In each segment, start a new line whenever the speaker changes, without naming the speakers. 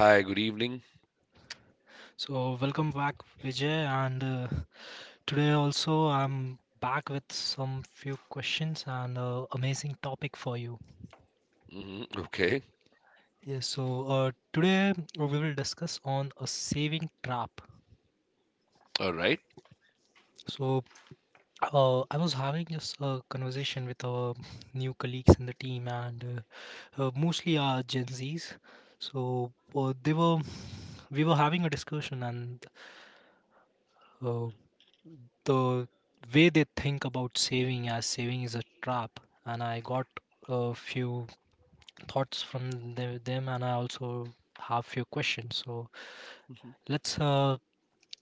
Hi, good evening.
So welcome back, Vijay, and today also I'm back with some few questions and amazing topic for you.
Hmm. Okay,
Yes, so today we will discuss on a saving trap.
all right.
So I was having just a conversation with our new colleagues in the team and mostly our Gen Zs. So they were we were having a discussion and uh, the way they think about saving, as saving is a trap, and I got a few thoughts from them, and I also have few questions. So
Mhm.
let's uh,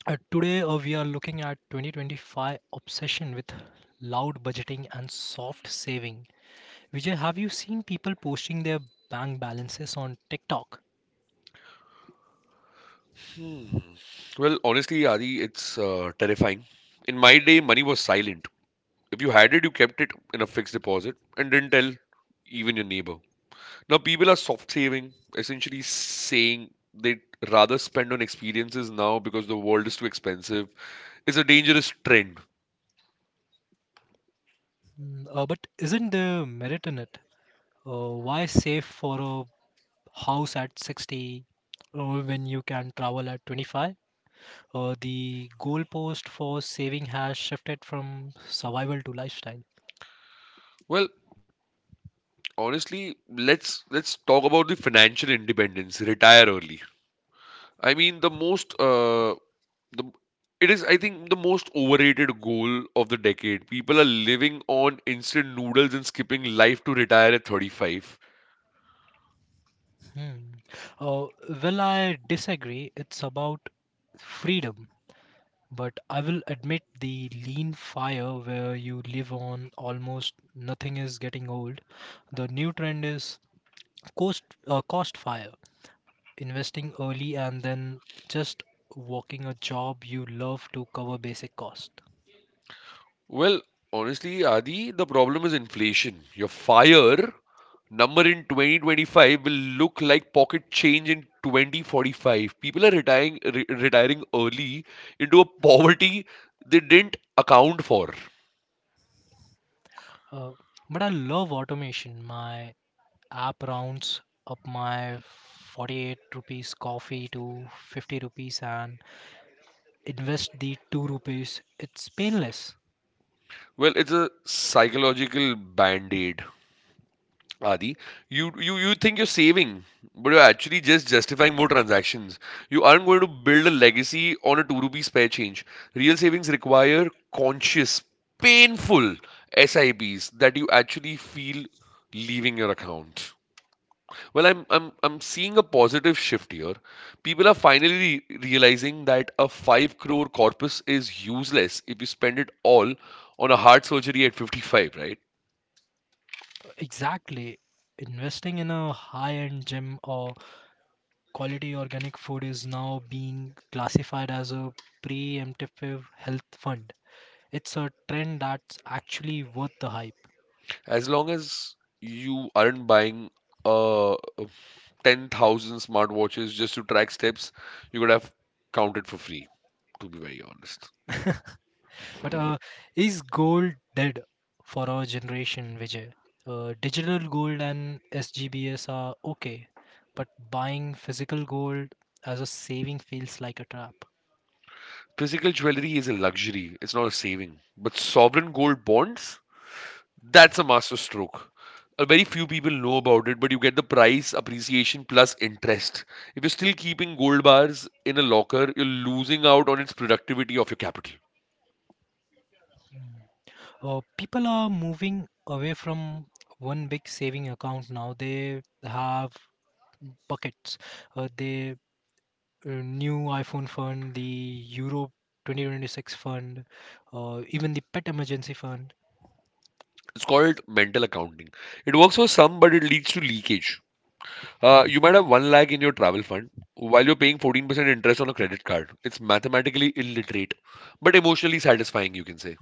uh today we are looking at 2025 obsession with loud budgeting and soft saving. Vijay, have you seen people posting their bank balances on TikTok?
Hmm. Well, honestly, Adi, it's terrifying. In my day, money was silent. If you had it, you kept it in a fixed deposit and didn't tell even your neighbor. Now, people are soft saving, essentially saying they'd rather spend on experiences now because the world is too expensive. It's a dangerous trend.
Mm. But isn't there merit in it? Why save for a house at 60 when you can travel at 25? The goalpost for saving has shifted from survival to lifestyle.
Well, honestly, let's let's talk about the financial independence, retire early. I mean, the most the it is, I think, the most overrated goal of the decade. People are living on instant noodles and skipping life to retire at 35.
Hmm. Uh, well, I disagree. It's about freedom, but I will admit the lean fire where you live on almost nothing is getting old. The new trend is cost fire, investing early and then just working a job you love to cover basic cost.
Well, honestly, Adi, the problem is inflation. Your fire number in 2025 will look like pocket change in 2045. People are retiring early into a poverty they didn't account for.
Uh, but I love automation. My app rounds up my 48 rupees coffee to 50 rupees and invest the 2 rupees. It's painless.
Well, it's a psychological band-aid, Adi, you think you're saving, but you're actually just justifying more transactions. You aren't going to build a legacy on a 2 rupee spare change. Real savings require conscious, painful SIPs that you actually feel leaving your account. Well, I'm seeing a positive shift here. People are finally realizing that a 5 crore corpus is useless if you spend it all on a heart surgery at 55, right?
Exactly. Investing in a high end gym or quality organic food is now being classified as a preemptive health fund. It's a trend that's actually worth the hype.
As long as you aren't buying uh 10,000 smartwatches just to track steps, you could have counted for free, to be very honest.
But is gold dead for our generation, Vijay? Digital gold and SGBS are okay, but buying physical gold as a saving feels like a trap.
Physical jewelry is a luxury, it's not a saving. But sovereign gold bonds, that's a master stroke. Very few people know about it, but you get the price appreciation plus interest. If you're still keeping gold bars in a locker, you're losing out on its productivity of your capital.
People are moving away from one big saving account now. They have buckets. They New iPhone fund, the Euro 2026 fund, even the pet emergency fund.
It's called mental accounting. It works for some, but it leads to leakage. You might have 1 lakh in your travel fund while you're paying 14% interest on a credit card. It's mathematically illiterate, but emotionally satisfying, you can say.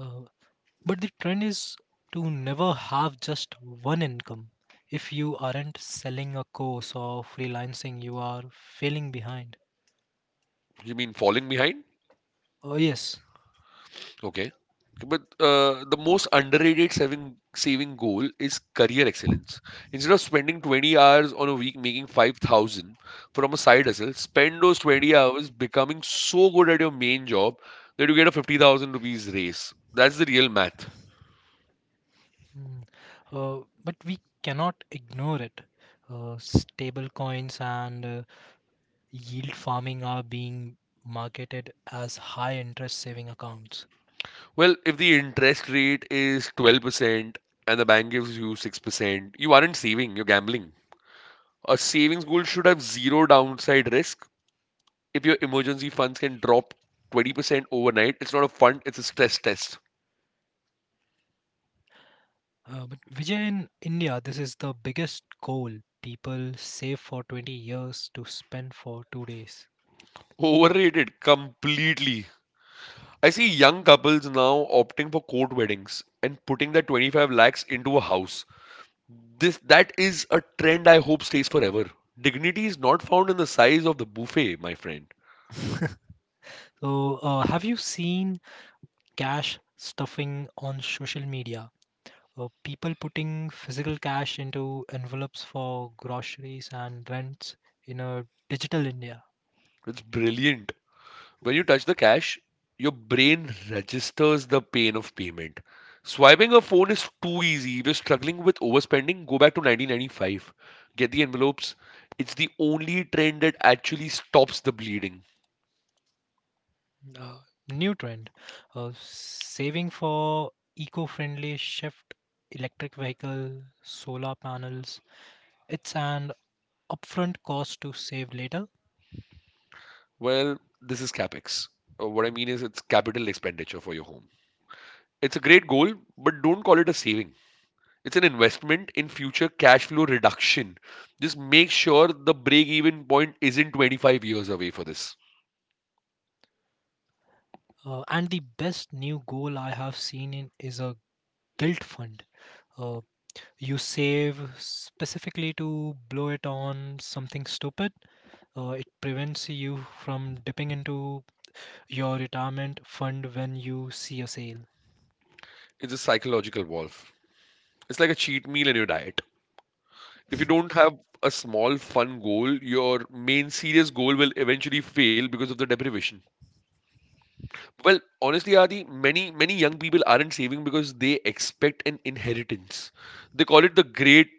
Uh, But the trend is to never have just one income. If you aren't selling a course or freelancing, you are failing behind.
You mean falling behind?
Oh, yes.
Okay. But the most underrated saving goal is career excellence. Instead of spending 20 hours on a week making 5,000 from a side hustle, spend those 20 hours becoming so good at your main job that you get a 50,000 rupees raise. That's the real math.
Mm. But we cannot ignore it. Stable coins and yield farming are being marketed as high interest saving accounts.
Well, if the interest rate is 12% and the bank gives you 6%, you aren't saving, you're gambling. A savings goal should have zero downside risk. If your emergency funds can drop 20% overnight, it's not a fund, it's a stress test.
But Vijay, in India, this is the biggest goal. People save for 20 years to spend for 2 days.
Overrated completely. I see young couples now opting for court weddings and putting their 25 lakhs into a house. This that is a trend I hope stays forever. Dignity is not found in the size of the buffet, my friend.
So, have you seen cash stuffing on social media? People putting physical cash into envelopes for groceries and rents in a digital India.
It's brilliant. When you touch the cash, your brain registers the pain of payment. Swiping a phone is too easy. If you're struggling with overspending, go back to 1995. Get the envelopes. It's the only trend that actually stops the bleeding.
Uh, New trend. Saving for eco friendly shift, electric vehicle, solar panels. It's an upfront cost to save later.
Well, this is capex. What I mean is, it's capital expenditure for your home. It's a great goal, but don't call it a saving. It's an investment in future cash flow reduction. Just make sure the break even point isn't 25 years away for this.
And the best new goal I have seen in is a guilt fund. Uh, you save specifically to blow it on something stupid. It prevents you from dipping into your retirement fund when you see a sale.
It's a psychological valve. It's like a cheat meal in your diet. If you don't have a small, fun goal, your main serious goal will eventually fail because of the deprivation. Well, honestly, Adi, many young people aren't saving because they expect an inheritance. They call it the great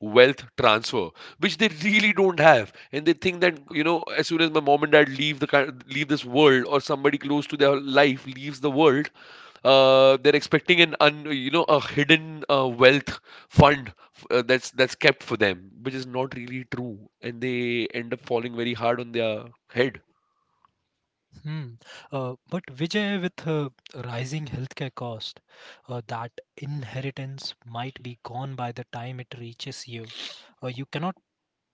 wealth transfer, which they really don't have, and they think that as soon as my mom and dad leave this world, or somebody close to their life leaves the world, they're expecting an un, you know a hidden wealth fund that's kept for them, which is not really true, and they end up falling very hard on their head.
Hmm. But Vijay, with rising healthcare cost, that inheritance might be gone by the time it reaches you. You cannot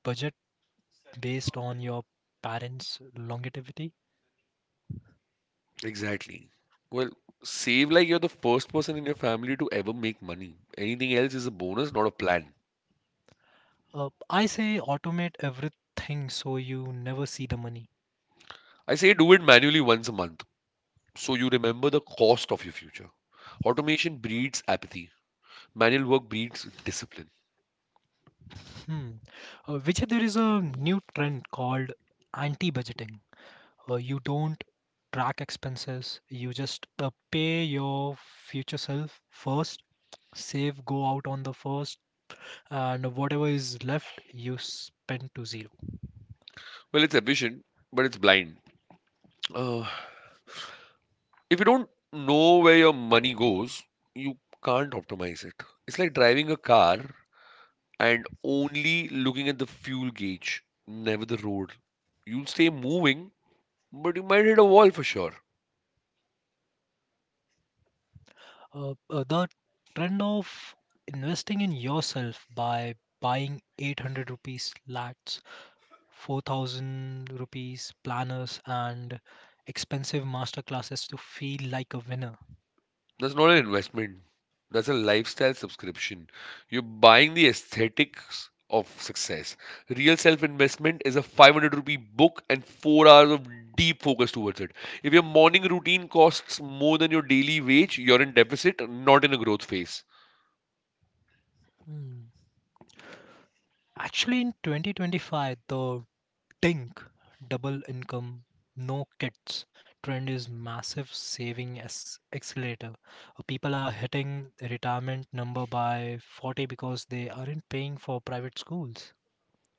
budget based on your parents' longevity.
Exactly. Well, save like you're the first person in your family to ever make money. Anything else is a bonus, not a plan.
I say automate everything so you never see the money.
I say do it manually once a month so you remember the cost of your future. Automation breeds apathy. Manual work breeds discipline.
Hmm. Vijay, there is a new trend called anti-budgeting. You don't track expenses, you just pay your future self first, save, go out on the first, and whatever is left, you spend to zero.
Well, it's efficient, but it's blind. Uh, if you don't know where your money goes, you can't optimize it. It's like driving a car and only looking at the fuel gauge, never the road. You'll stay moving, but you might hit a wall for sure.
The trend of investing in yourself by buying 800 rupees lats, 4,000 rupees planners, and expensive master classes to feel like a winner.
That's not an investment. That's a lifestyle subscription. You're buying the aesthetics of success. Real self investment is a 500 rupee book and 4 hours of deep focus towards it. If your morning routine costs more than your daily wage, you're in deficit, not in a growth phase.
Hmm. Actually, in 2025, the DINK, double income no kids, trend is massive saving as accelerator. People are hitting retirement number by 40 because they aren't paying for private schools.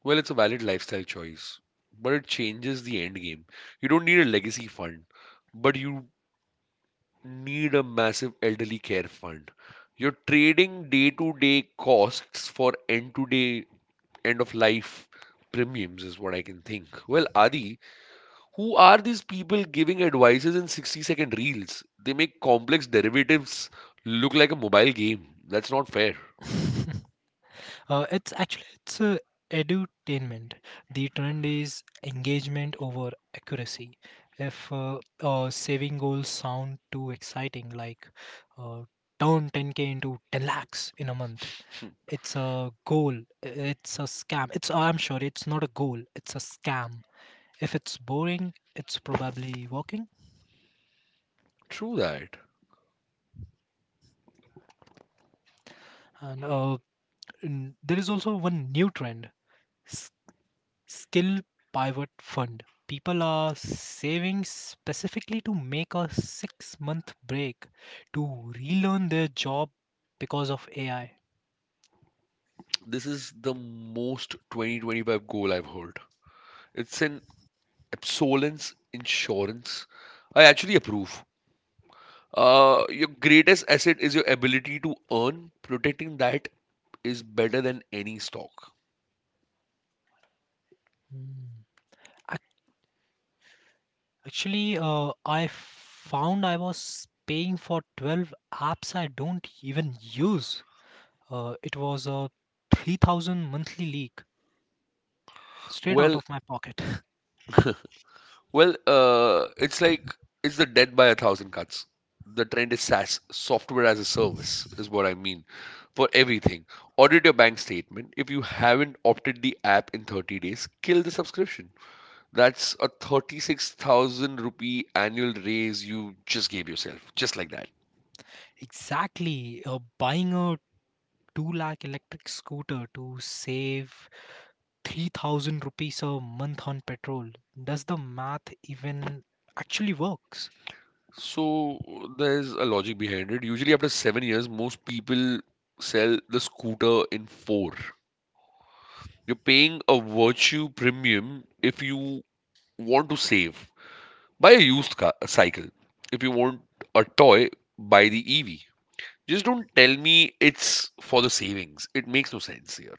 Well, it's a valid lifestyle choice, but it changes the end game. You don't need a legacy fund, but you need a massive elderly care fund. You're trading day to day costs for end of life premiums, is what I can think. Well, Adi, who are these people giving advices in 60-second reels? They make complex derivatives look like a mobile game. That's not fair.
It's edutainment. The trend is engagement over accuracy. If saving goals sound too exciting, like uh, turn 10K into 10 lakhs in a month.
Hmm.
It's a goal. It's a scam. It's, oh, I'm sure it's not a goal. It's a scam. If it's boring, it's probably working.
True that.
And there is also one new trend: s- skill pivot fund. People are saving specifically to make a 6-month break to relearn their job because of AI.
This is the most 2025 goal I've heard. It's an absolence insurance. I actually approve. Your greatest asset is your ability to earn. Protecting that is better than any stock.
Hmm. Actually, I found I was paying for 12 apps I don't even use. It was a 3,000 monthly leak straight out
Well,
of my pocket.
well, it's like it's the death by a thousand cuts. The trend is SaaS, software as a service, is what I mean for everything. Audit your bank statement. If you haven't opted the app in 30 days, kill the subscription. That's a 36,000 rupee annual raise you just gave yourself, just like that.
Exactly. Buying a 2 lakh electric scooter to save 3,000 rupees a month on petrol. Does the math even actually works?
So there's a logic behind it. Usually, after 7 years, most people sell the scooter in four. You're paying a virtue premium if you want to save. Buy a used car, a cycle. If you want a toy, buy the EV. Just don't tell me it's for the savings. It makes no sense here.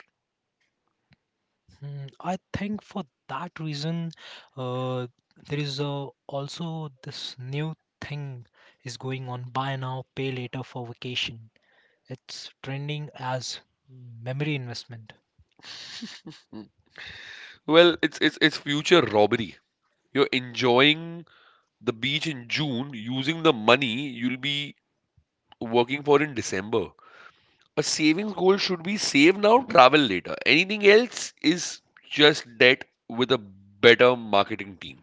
Hmm, I think for that reason, uh, there is also this new thing is going on buy now, pay later for vacation. It's trending as memory investment.
Mm. Well, it's future robbery. You're enjoying the beach in June using the money you'll be working for in December. A savings goal should be save now, travel later. Anything else is just debt with a better marketing team.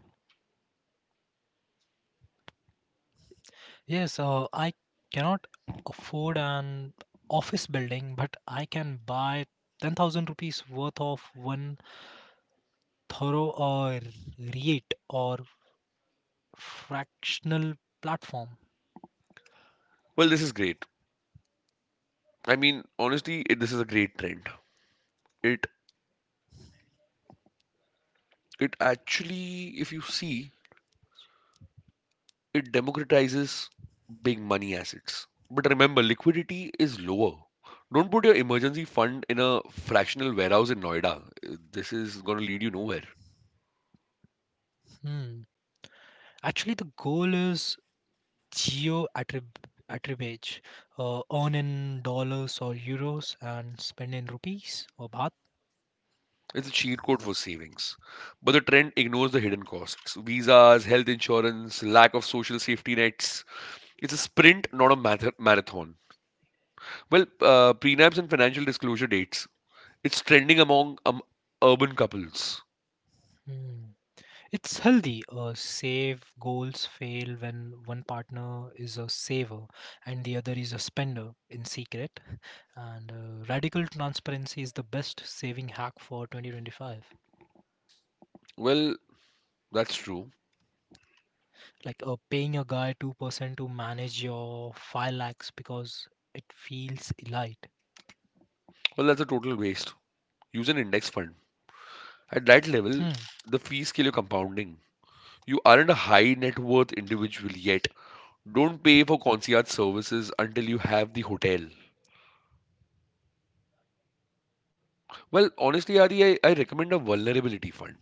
Yes, I cannot afford an office building, but I can buy 10,000 rupees worth of one thorough or REIT or fractional platform.
Well, this is great. I mean, honestly, this is a great trend. It it actually, if you see, it democratizes big money assets. But remember, liquidity is lower. Don't put your emergency fund in a fractional warehouse in Noida. This is going to lead you nowhere.
Hmm. Actually, the goal is geo attribute, earn in dollars or euros and spend in rupees or baht.
It's a cheat code for savings. But the trend ignores the hidden costs visas, health insurance, lack of social safety nets. It's a sprint, not a marathon. Well, prenups and financial disclosure dates. It's trending among urban couples.
Hmm. It's healthy. Save goals fail when one partner is a saver and the other is a spender in secret. And radical transparency is the best saving hack for 2025.
Well, that's true.
Like paying a guy 2% to manage your 5 lakhs because it feels elite.
Well, that's a total waste. Use an index fund. At that level,
Hmm.
the fees kill your compounding. You aren't a high net worth individual yet. Don't pay for concierge services until you have the hotel. Well, honestly, Adi, I recommend a vulnerability fund.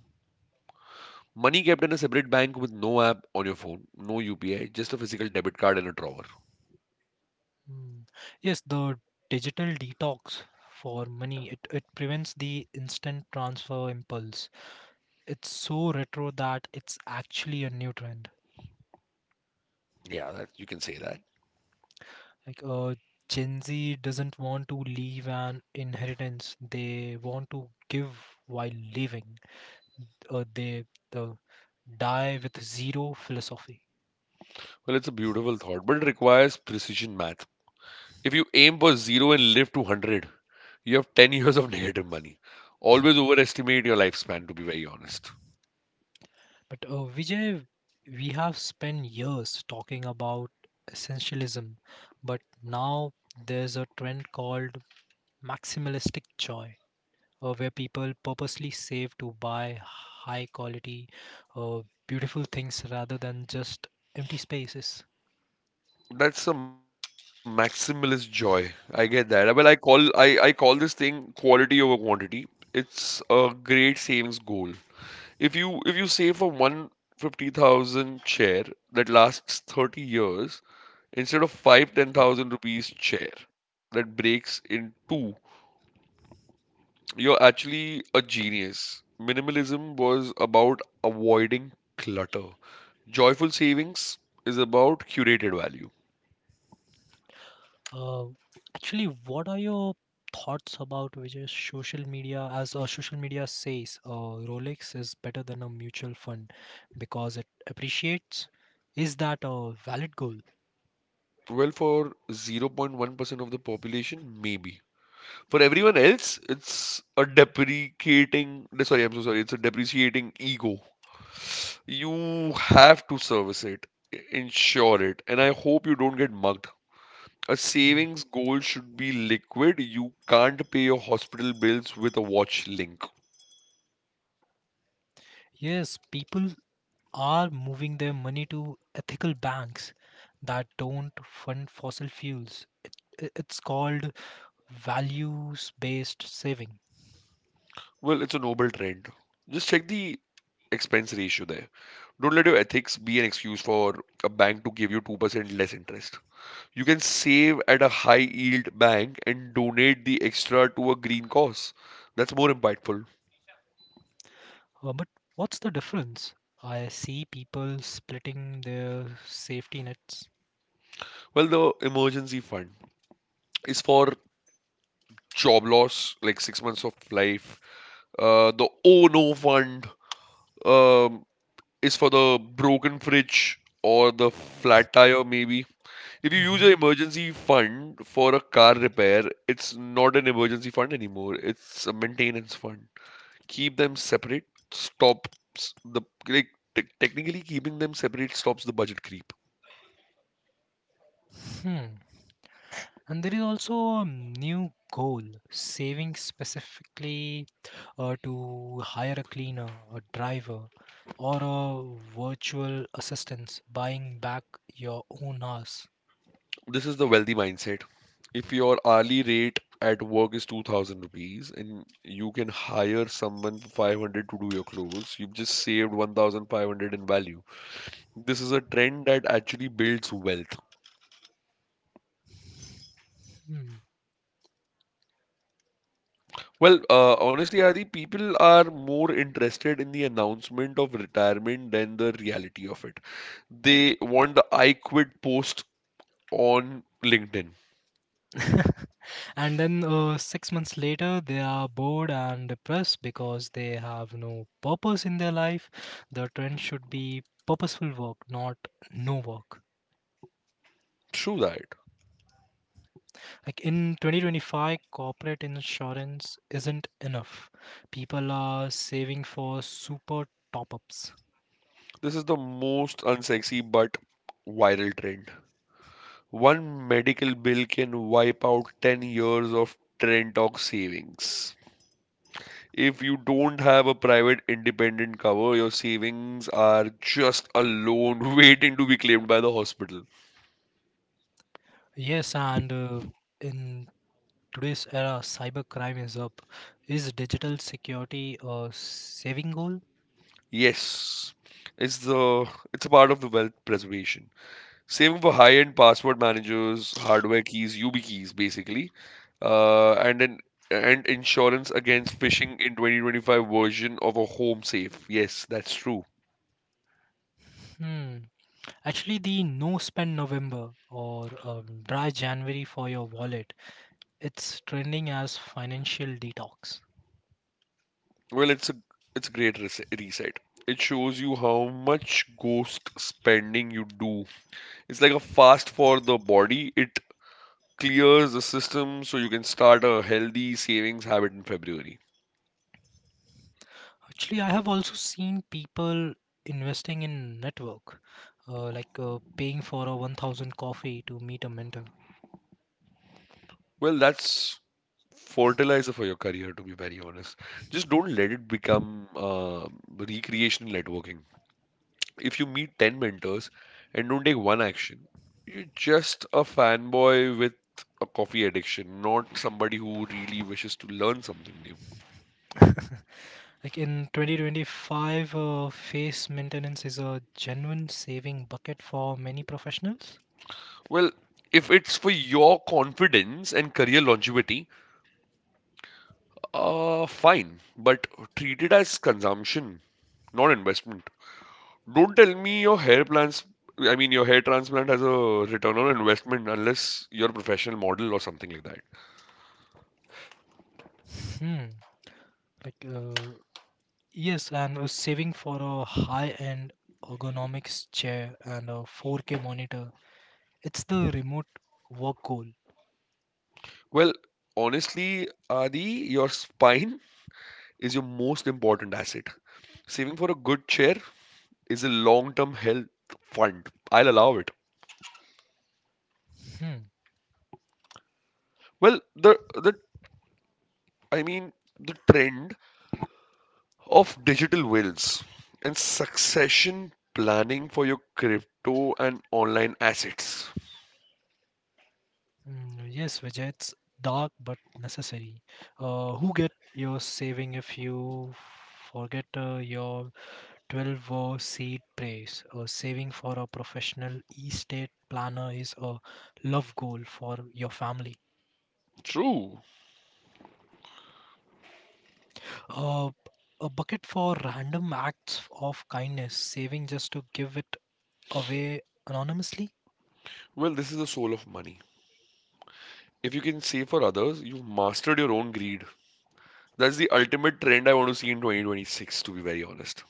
Money kept in a separate bank with no app on your phone, no UPI, just a physical debit card and a drawer.
Hmm. Yes, the digital detox for money, it prevents the instant transfer impulse. It's so retro that it's actually a new trend.
Yeah, that, you can say that.
Like Gen Z doesn't want to leave an inheritance. They want to give while living. They uh, Die with zero philosophy.
Well, it's a beautiful thought, but it requires precision math. If you aim for zero and live to 100, you have 10 years of negative money. Always overestimate your lifespan, to be very honest.
But Vijay, we have spent years talking about essentialism, but now there's a trend called maximalistic joy, where people purposely save to buy high quality, uh, beautiful things rather than just empty spaces.
That's a maximalist joy. I get that. Well, I call this thing quality over quantity. It's a great savings goal. If you save for 150,000 chair that lasts 30 years instead of five ten thousand rupees chair that breaks in two, you're actually a genius. Minimalism was about avoiding clutter. Joyful savings is about curated value.
Uh, Actually, what are your thoughts about which is social media? As social media says, Rolex is better than a mutual fund because it appreciates. Is that a valid goal?
Well, for 0.1% of the population, maybe. For everyone else, it's a deprecating. Sorry, I'm so sorry. It's a depreciating ego. You have to service it, insure it, and I hope you don't get mugged. A savings goal should be liquid. You can't pay your hospital bills with a watch link.
Yes, people are moving their money to ethical banks that don't fund fossil fuels. It's called values-based saving.
Well, it's a noble trend. Just check the expense ratio there. Don't let your ethics be an excuse for a bank to give you 2% less interest. You can save at a high yield bank and donate the extra to a green cause. That's more impactful.
But what's the difference? I see people splitting their safety nets.
Well, the emergency fund is for job loss, like 6 months of life. The oh no fund um, is for the broken fridge or the flat tire, maybe. If you use
Mhm.
an emergency fund for a car repair, it's not an emergency fund anymore, it's a maintenance fund. Keep them separate stops the like, te- technically keeping them separate stops the budget creep.
Hmm. And there is also a new goal, saving specifically to hire a cleaner, a driver, or a virtual assistant, buying back your own house.
This is the wealthy mindset. If your hourly rate at work is 2000 rupees and you can hire someone for 500 to do your clothes, you've just saved 1500 in value. This is a trend that actually builds wealth.
Hmm.
Honestly, Adi, people are more interested in the announcement of retirement than the reality of it. They want the I quit post on LinkedIn.
And then 6 months later, they are bored and depressed because they have no purpose in their life. The trend should be purposeful work, not no work.
True that.
Like in 2025, corporate insurance isn't enough. People are saving for super top ups.
This is the most unsexy but viral trend. One medical bill can wipe out 10 years of trend talk savings. If you don't have a private independent cover, your savings are just a loan waiting to be claimed by the hospital.
Yes, and in today's era, cybercrime is up. Is digital security a saving goal?
Yes, it's the it's a part of the wealth preservation. Saving for high-end password managers, hardware keys, UB keys, basically, and an and insurance against phishing in 2025 version of a home safe. Yes, that's true.
Hmm. Actually, the no spend November or dry January for your wallet, it's trending as financial detox.
Well, it's a great reset. It shows you how much ghost spending you do. It's like a fast for the body. It clears the system so you can start a healthy savings habit in February.
Actually, I have also seen people investing in network, like paying for a 1,000 coffee to meet a mentor.
Well, that's fertilizer for your career, to be very honest. Just don't let it become recreational networking. If you meet 10 mentors and don't take one action, you're just a fanboy with a coffee addiction, not somebody who really wishes to learn something new.
Like in 2025, face maintenance is a genuine saving bucket for many professionals.
Well, if it's for your confidence and career longevity, fine, but treat it as consumption, not investment. Don't tell me your hair plans. I mean, your hair transplant has a return on investment unless you're a professional model or something like that.
Hmm. Like, uh, yes, and saving for a high end ergonomics chair and a 4K monitor. It's the remote work goal.
Well, honestly, Adi, your spine is your most important asset. Saving for a good chair is a long-term health fund. I'll allow it.
Hmm.
Well, the I mean the trend of digital wills and succession planning for your crypto and online assets.
Mm, yes, Vijay, it's dark but necessary. Who get your saving if you forget your 12 seed praise? Saving for a professional estate planner is a love goal for your family.
True.
Uh, a bucket for random acts of kindness, saving just to give it away anonymously.
Well, this is the soul of money. If you can save for others, you've mastered your own greed. That's the ultimate trend I want to see in 2026, to be very honest.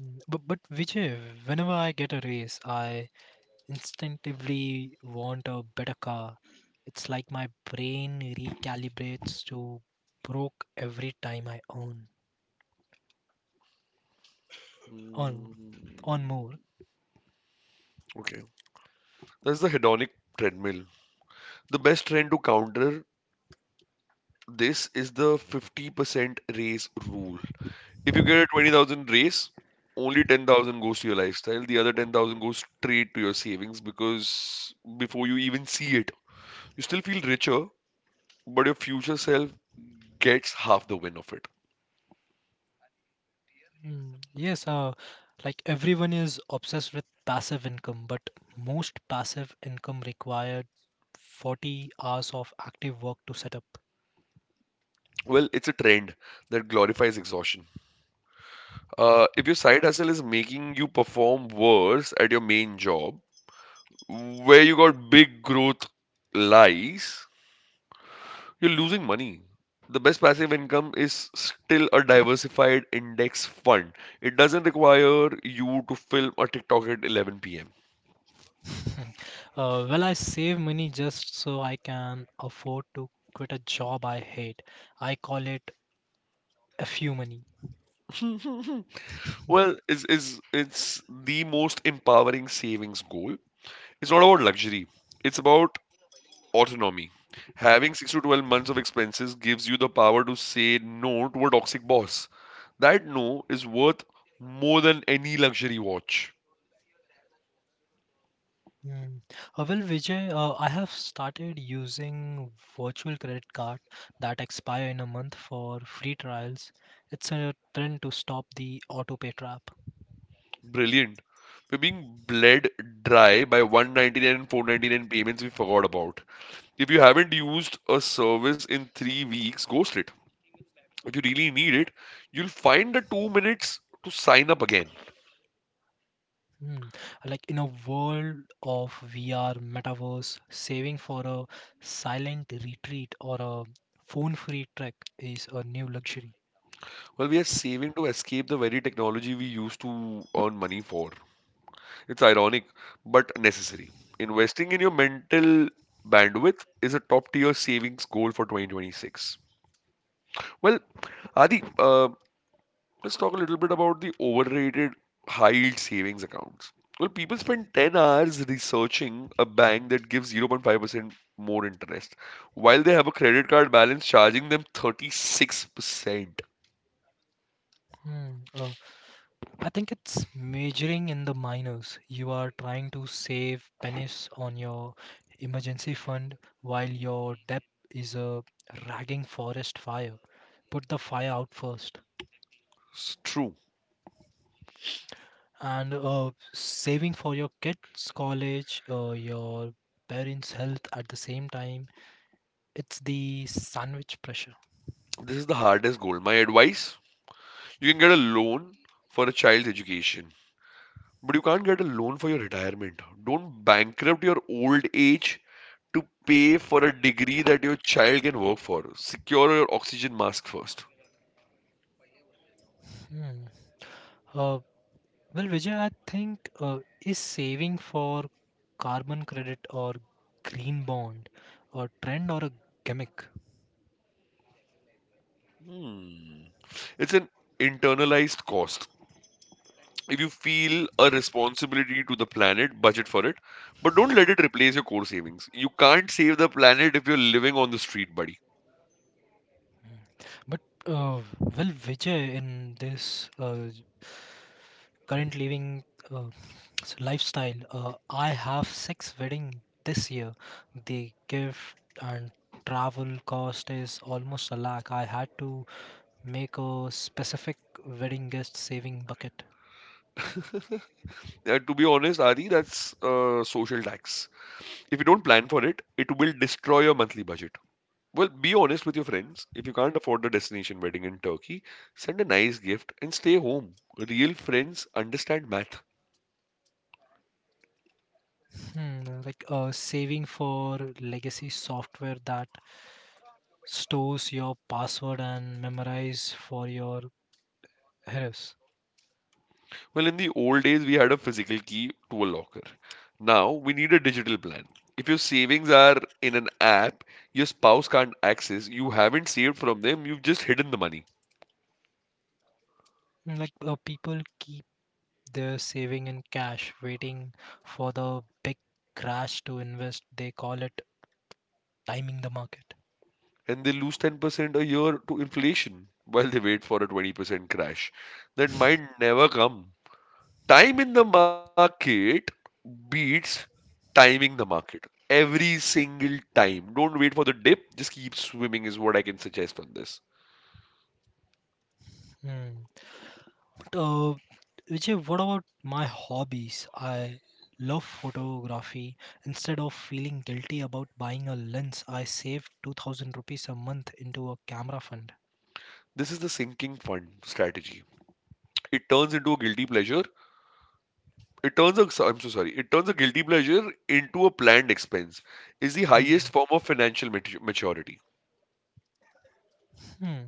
Mm. But Vijay, whenever I get a raise, I instinctively want a better car. It's like my brain recalibrates to broke every time I own on
Mm.
on more.
Okay. That's the hedonic treadmill. The best trend to counter this is the 50% raise rule. If you get a 20,000 raise, only 10,000 goes to your lifestyle. The other 10,000 goes straight to your savings. Because before you even see it, you still feel richer, but your future self gets half the win of it.
Mm, yes, like everyone is obsessed with passive income, but most passive income required 40 hours of active work to set up.
Well, it's a trend that glorifies exhaustion. If your side hustle is making you perform worse at your main job, where you got big growth lies, you're losing money. The best passive income is still a diversified index fund. It doesn't require you to film a TikTok at 11 p.m.
uh, well, I save money just so I can afford to quit a job I hate. I call it a few money.
Well, it's the most empowering savings goal. It's not about luxury. It's about autonomy. Having 6 to 12 months of expenses gives you the power to say no to a toxic boss. That no is worth more than any luxury watch.
Mm. Well, Vijay, I have started using virtual credit card that expire in a month for free trials. It's a trend to stop the autopay trap.
Brilliant. We're being bled dry by 199 and 499 payments we forgot about. If you haven't used a service in 3 weeks, ghost it. If you really need it, you'll find the 2 minutes to sign up again.
Mm. Like in a world of VR, metaverse, saving for a silent retreat or a phone-free trek is a new luxury.
Well, we are saving to escape the very technology we used to earn money for. It's ironic, but necessary. Investing in your mental bandwidth is a top tier savings goal for 2026. Well, Adi, let's talk a little bit about the overrated high yield savings accounts. Well, people spend 10 hours researching a bank that gives 0.5% more interest while they have a credit card balance charging them 36%.
Mm. I think it's majoring in the minors. You are trying to save pennies on your emergency fund while your debt is a ragging forest fire. Put the fire out first.
It's true.
And saving for your kids' college, your parents' health at the same time. It's the sandwich pressure.
This is the hardest goal. My advice: you can get a loan for a child's education, but you can't get a loan for your retirement. Don't bankrupt your old age to pay for a degree that your child can work for. Secure your oxygen mask first.
Hmm. Uh, Well, Vijay, I think is saving for carbon credit or green bond a trend or a gimmick?
Hmm. It's an internalized cost. If you feel a responsibility to the planet, budget for it. But don't let it replace your core savings. You can't save the planet if you're living on the street, buddy.
But uh, well, Vijay, in this current living uh, lifestyle, I have six wedding this year. The gift and travel cost is almost a lakh. I had to make a specific wedding guest saving bucket.
To be honest, Adi, that's social tax. If you don't plan for it, it will destroy your monthly budget. Well, be honest with your friends. If you can't afford the destination wedding in Turkey, send a nice gift and stay home. Real friends understand math.
Hmm, like saving for legacy software that stores your password and memorize for your heroes.
Well, in the old days, we had a physical key to a locker. Now, we need a digital plan. If your savings are in an app your spouse can't access, you haven't saved from them, you've just hidden the money.
Mm. Like people keep their saving in cash, waiting for the big crash to invest. They call it timing the market.
And they lose 10% a year to inflation while they wait for a 20% crash that might never come. Time in the market beats timing the market every single time. Don't wait for the dip, just keep swimming, is what I can suggest on this.
Hmm. But Vijay, what about my hobbies? I love photography. Instead of feeling guilty about buying a lens, I save 2000 rupees a month into a camera fund.
This is the sinking fund strategy. It turns into a guilty pleasure. It turns a, I'm so sorry. It turns a guilty pleasure into a planned expense. Is the highest
Hmm.
form of financial maturity.
Hmm.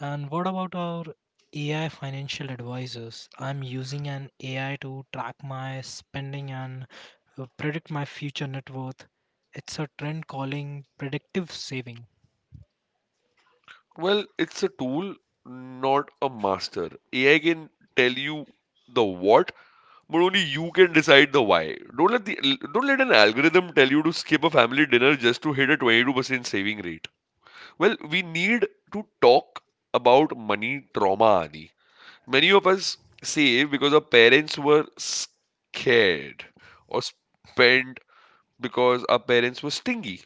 And what about our AI financial advisors? I'm using an AI to track my spending and predict my future net worth. It's a trend calling predictive saving.
Well, it's a tool, not a master. AI can tell you the what, but only you can decide the why. Don't let an algorithm tell you to skip a family dinner just to hit a 22% saving rate. Well, we need to talk about money trauma, Adi. Many of us save because our parents were scared, or spent because our parents were stingy.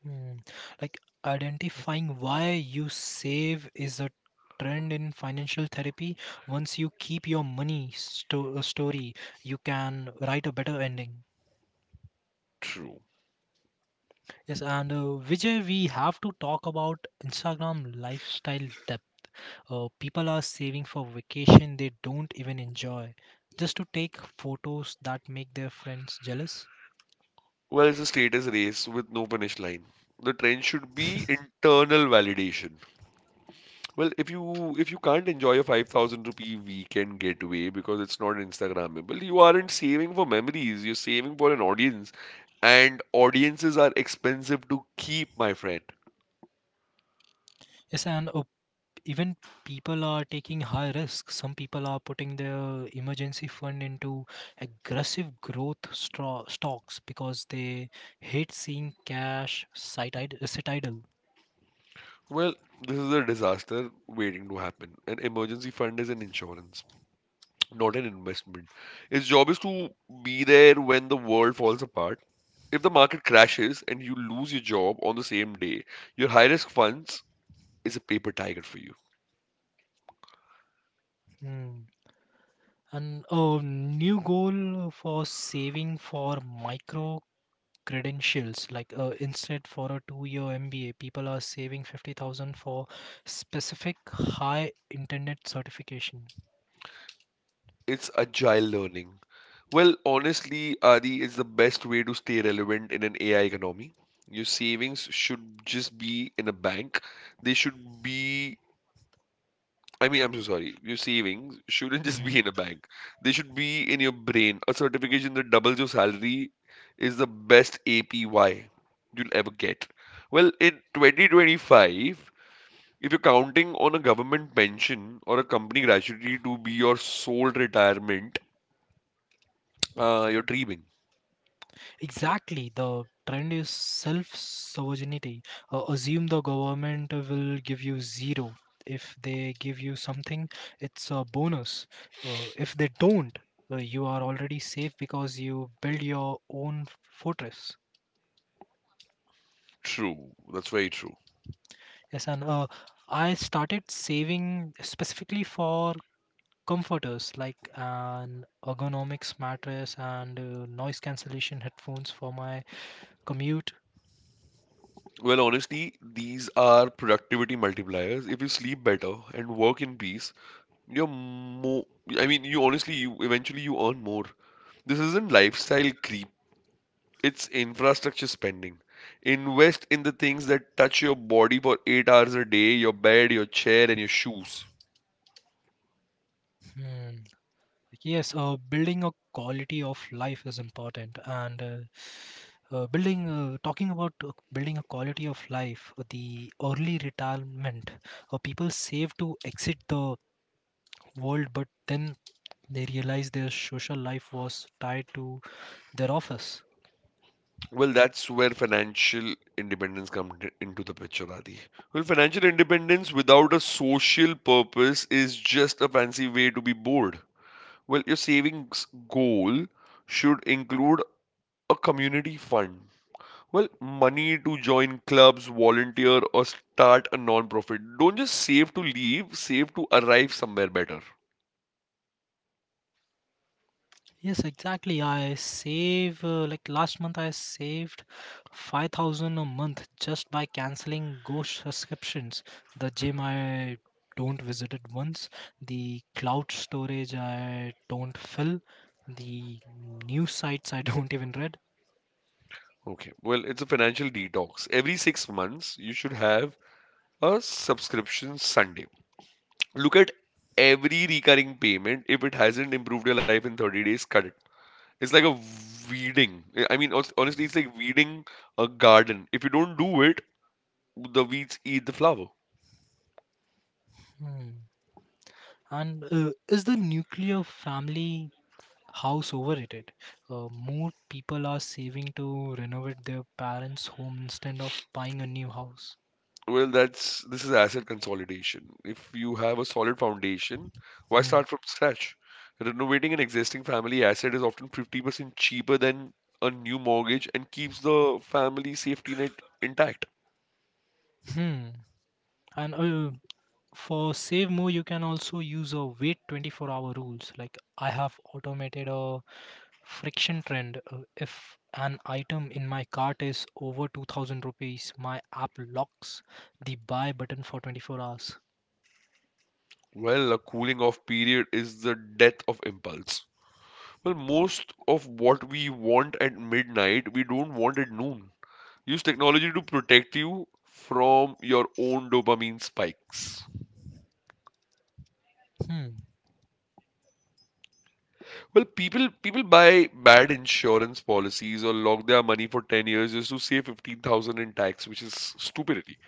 Hmm. Like, identifying why you save is a trend in financial therapy. Once you keep your money story, you can write a better ending.
True.
Yes, and Vijay, we have to talk about Instagram lifestyle. People are saving for vacation they don't even enjoy just to take photos that make their friends jealous.
Well, it's a status race with no finish line. The trend should be internal validation. Well, if you can't enjoy a 5,000 rupee weekend getaway because it's not Instagrammable, you aren't saving for memories, you're saving for an audience. And audiences are expensive to keep, my friend.
Yes, and even people are taking high risk. Some people are putting their emergency fund into aggressive growth stocks because they hate seeing cash sit idle.
Well, this is a disaster waiting to happen. An emergency fund is an insurance, not an investment. Its job is to be there when the world falls apart. If the market crashes and you lose your job on the same day, your high risk funds is a paper tiger for you.
Hmm. And a new goal, for saving for micro credentials, like instead for a 2 year MBA, people are saving 50,000 for specific high internet certification.
It's agile learning. Well, honestly, Adi, is the best way to stay relevant in an AI economy. Your savings should just be in a bank. They should be, I mean, I'm so sorry. Your savings shouldn't just
Mhm.
be in a bank. They should be in your brain. A certification that doubles your salary is the best APY you'll ever get. Well, in 2025, if you're counting on a government pension or a company gratuity to be your sole retirement, you're dreaming.
Exactly, the trend is self sovereignty. Assume the government will give you zero. If they give you something, it's a bonus. If they don't, you are already safe because you build your own fortress.
True. That's very true.
Yes, and I started saving specifically for comforters like an ergonomics mattress and noise cancellation headphones for my commute.
Well, honestly, these are productivity multipliers. If you sleep better and work in peace, you're more. I mean, you honestly, you eventually you earn more. This isn't lifestyle creep. It's infrastructure spending. Invest in the things that touch your body for 8 hours a day: your bed, your chair, and your shoes.
Hmm. Like, yes, building a quality of life is important. And building talking about building a quality of life. The early retirement — people save to exit the world, but then they realize their social life was tied to their office.
Well, that's where financial independence comes into the picture, Adi. Well, financial independence without a social purpose is just a fancy way to be bored. Well, your savings goal should include a community fund. Well, money to join clubs, volunteer, or start a non-profit. Don't just save to leave, save to arrive somewhere better.
Yes, exactly. I save Like last month I saved 5000 a month just by canceling ghost subscriptions. The gym I don't visit it once, the cloud storage I don't fill, the news sites I don't even read.
Okay, well, it's a financial detox. Every 6 months, you should have a subscription Sunday. Look at every recurring payment. If it hasn't improved your life in 30 days, cut it. It's like a weeding I mean hons- honestly, it's like weeding a garden. If you don't do it, the weeds eat the flower.
Hmm. And is the nuclear family house overrated? More people are saving to renovate their parents' home instead of buying a new house.
Well that's This is asset consolidation. If you have a solid foundation, why
Hmm.
start from scratch? Renovating an existing family asset is often 50% cheaper than a new mortgage, and keeps the family safety net intact.
Hmm. And for save more, you can also use a wait 24-hour rules. Like, I have automated a friction trend. If an item in my cart is over 2000 rupees, my app locks the buy button for 24 hours.
Well, a cooling off period is the death of impulse. Well, most of what we want at midnight, we don't want at noon. Use technology to protect you from your own dopamine spikes.
Hmm.
Well, people buy bad insurance policies or lock their money for 10 years just to save 15,000 in tax, which is stupidity.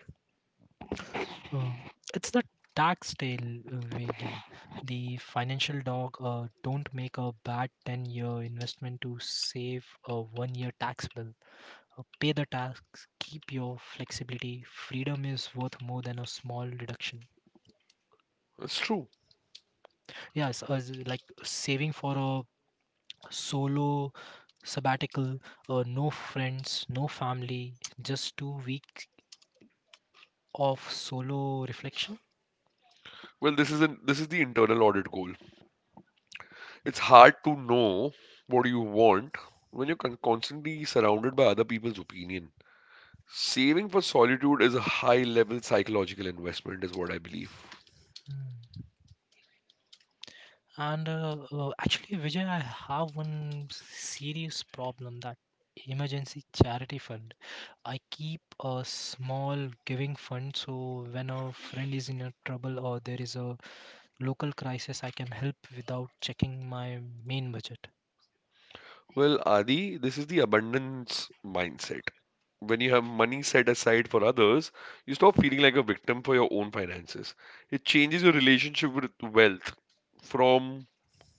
Uh, it's the tax tail wagging the financial dog. Don't make a bad 10-year investment to save a one year tax bill. Pay the tasks, keep your flexibility. Freedom is worth more than a small reduction.
That's true.
Yes, as like saving for a solo sabbatical, no friends, no family, just 2 weeks of solo reflection.
Well, this is the internal audit goal. It's hard to know what you want when you're constantly surrounded by other people's opinion. Saving for solitude is a high level psychological investment, is what I believe.
Mm. And actually, Vijay, I have one serious problem — that emergency charity fund. I keep a small giving fund, so when a friend is in a trouble or there is a local crisis, I can help without checking my main budget.
Well, Adi, this is the abundance mindset. When you have money set aside for others, you stop feeling like a victim for your own finances. It changes your relationship with wealth from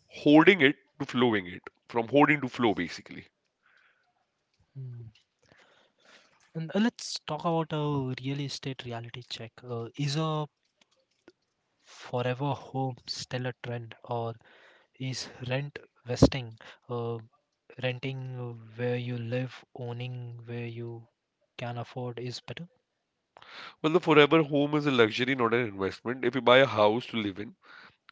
holding it to flowing it, from hoarding to flow, basically.
Mm. And let's talk about a real estate reality check. Is a forever home still a trend, or is rent vesting, uh, renting where you live, owning where you can afford, is better?
Well, the forever home is a luxury, not an investment. If you buy a house to live in,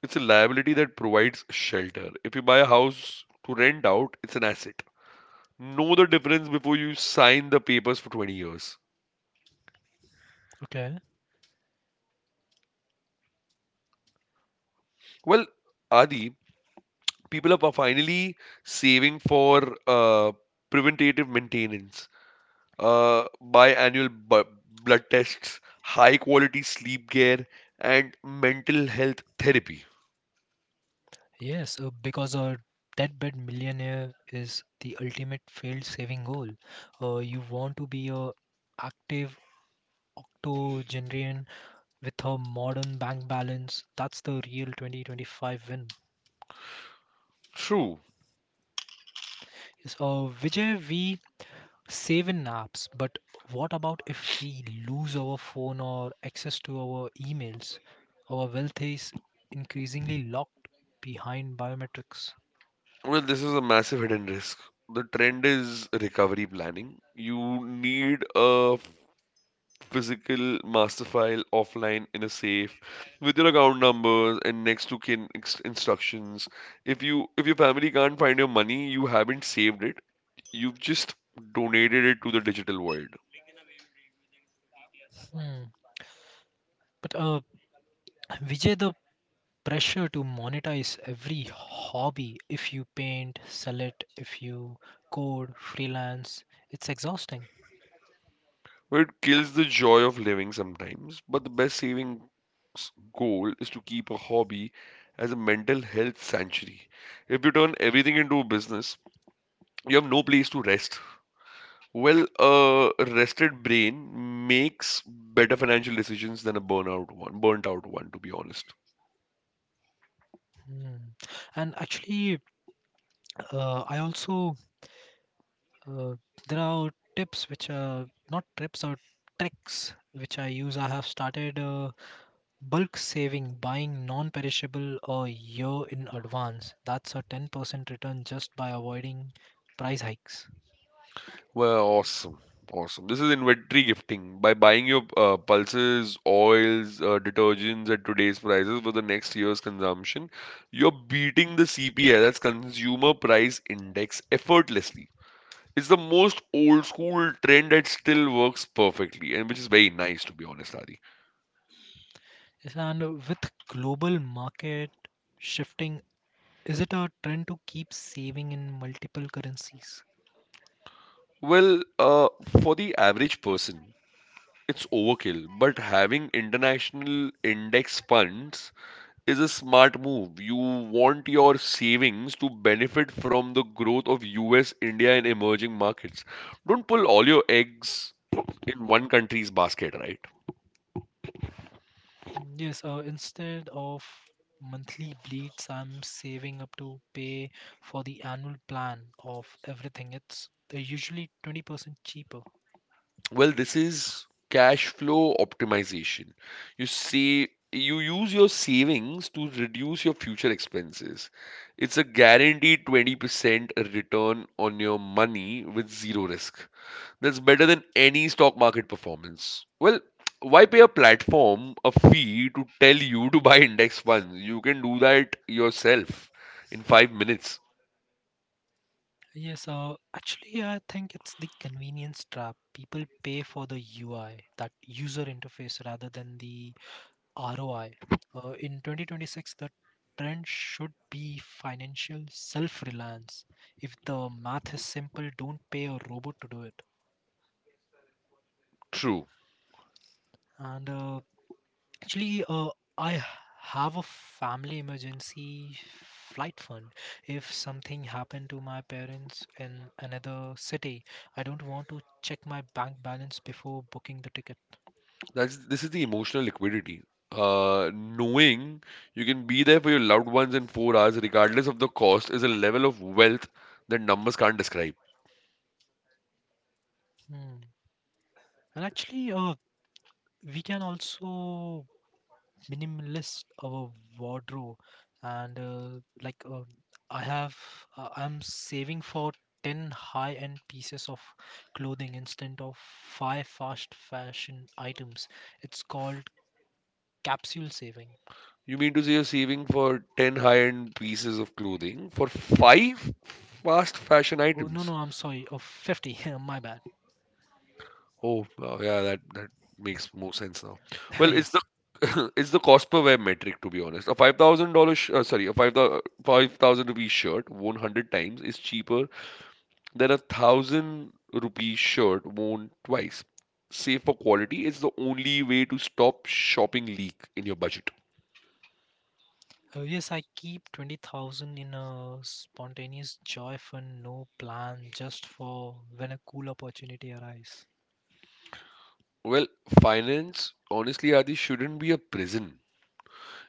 it's a liability that provides shelter. If you buy a house to rent out, it's an asset. Know the difference before you sign the papers for 20 years.
Okay.
Well, Adi, people are finally saving for preventative maintenance, biannual blood tests, high quality sleep care, and mental health therapy.
Yes, because a deadbed millionaire is the ultimate failed saving goal. You want to be a active octogenarian with her modern bank balance. That's the real 2025 win.
True.
Yes, Vijay, we save in apps, but what about if we lose our phone or access to our emails? Our wealth is increasingly locked behind biometrics.
Well, this is a massive hidden risk. The trend is recovery planning. You need a physical master file offline in a safe with your account numbers and next to kin instructions. If your family can't find your money, you haven't saved it. You've just donated it to the digital void,
Hmm. But Vijay, the pressure to monetize every hobby — if you paint, sell it; if you code, freelance — it's exhausting.
where it kills the joy of living sometimes, but the best savings goal is to keep a hobby as a mental health sanctuary. If you turn everything into a business, you have no place to rest. Well, a rested brain makes better financial decisions than burnt out one, to be honest.
Hmm. And actually, I also uh, there are tips which are not tips or tricks which I use. I have started bulk saving, buying non-perishable a year in advance. That's a 10% return just by avoiding price hikes.
Well, awesome. Awesome. This is inventory gifting. By buying your pulses, oils, detergents at today's prices for the next year's consumption, you're beating the CPI, that's Consumer Price Index, effortlessly. It's the most old school trend that still works perfectly, and which is very nice, to be honest, Adi.
Yes, and with global market shifting, is it a trend to keep saving in multiple currencies?
Well, for the average person, it's overkill, but having international index funds is a smart move. You want your savings to benefit from the growth of US, India, and emerging markets. Don't pull all your eggs in one country's basket, right?
Mm. Yes, instead of monthly bleeds, I'm saving up to pay for the annual plan of everything. It's they're usually 20% cheaper.
Well, this is cash flow optimization. You see, you use your savings to reduce your future expenses. It's a guaranteed 20% return on your money with zero risk. That's better than any stock market performance. Well, why pay a platform a fee to tell you to buy index funds? You can do that yourself in 5 minutes.
Yes, actually, I think it's the convenience trap. People pay for the UI, that user interface, rather than the ROI. In 2026, the trend should be financial self reliance. If the math is simple, don't pay a robot to do it.
True.
And actually, I have a family emergency flight fund. If something happened to my parents in another city, I don't want to check my bank balance before booking the ticket.
That's this is the emotional liquidity. Knowing you can be there for your loved ones in 4 hours, regardless of the cost, is a level of wealth that numbers can't describe.
Hmm. And actually, we can also minimalist our wardrobe. And like, I have, I'm saving for 10 high-end pieces of clothing instead of five fast fashion items. It's called capsule saving.
You mean to say you're saving for 10 high-end pieces of clothing for
Yes.
five fast fashion
Oh, no, no,
items?
I'm sorry. Of 50. My bad.
Oh, wow, yeah, that makes more sense now. Well, it's
Yes.
the it's the cost per wear metric, to be honest. A five thousand rupee shirt worn 100 times is cheaper then a 1,000 rupee shirt worn twice. Save for quality is the only way to stop shopping leak in your budget.
Yes, I keep 20,000 in a spontaneous joy fund, no plan, just for when a cool opportunity arrives.
Well, finance, honestly, Adi, shouldn't be a prison.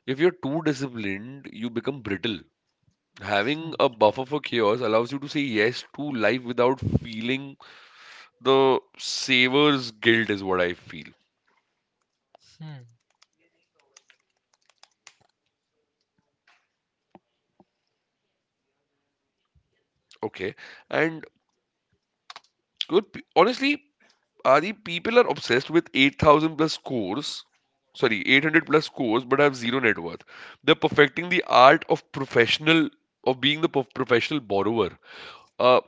If you're too disciplined, you become brittle.
Hmm.
Having a buffer for chaos allows you to say yes to life without feeling the savor's guilt, is what I feel.
Hmm.
Okay. And good, honestly, Adi, people are obsessed with 8,000 plus scores. Sorry, 800 plus scores, but have zero net worth. They're perfecting the art of being the professional borrower. Uh,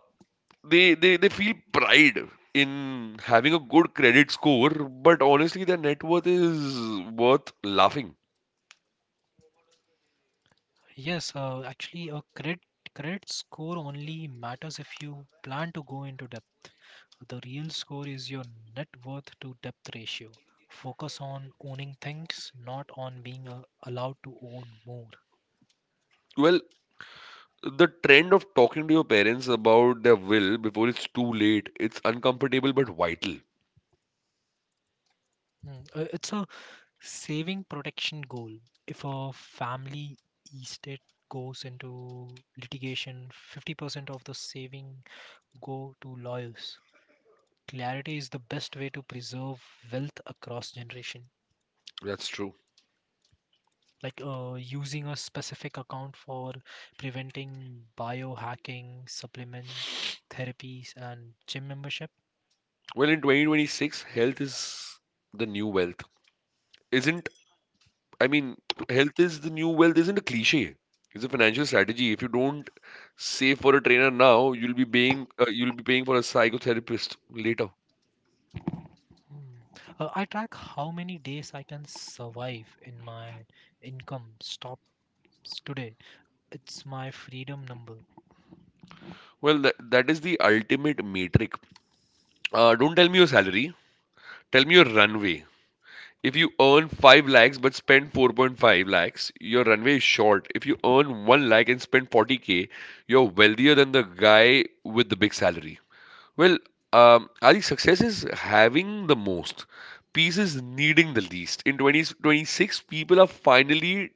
they feel pride in having a good credit score, but honestly, their net worth is worth laughing.
Yes, actually, a credit score only matters if you plan to go into depth. The real score is your net worth to depth ratio. Focus on owning things, not on being allowed to own more.
Well, the trend of talking to your parents about their will before it's too late, it's uncomfortable but vital.
Mm. It's a saving protection goal. If a family estate goes into litigation, 50% of the saving go to lawyers. Clarity is the best way to preserve wealth across generation,
That's true.
like using a specific account for preventing biohacking supplement therapies and gym membership.
Well, in 2026, health is the new wealth. Isn't I mean, health is the new wealth isn't a cliche. It's a financial strategy. If you don't save for a trainer now, you'll be paying for a psychotherapist later.
Hmm. I track how many days I can survive in my income stops today. It's my freedom number.
Well, that is the ultimate metric. Don't tell me your salary, tell me your runway. If you earn 5 lakhs but spend 4.5 lakhs, your runway is short. If you earn 1 lakh and spend 40K, you're wealthier than the guy with the big salary. Well, I think success is having the most. Peace is needing the least. In 2026, people are finally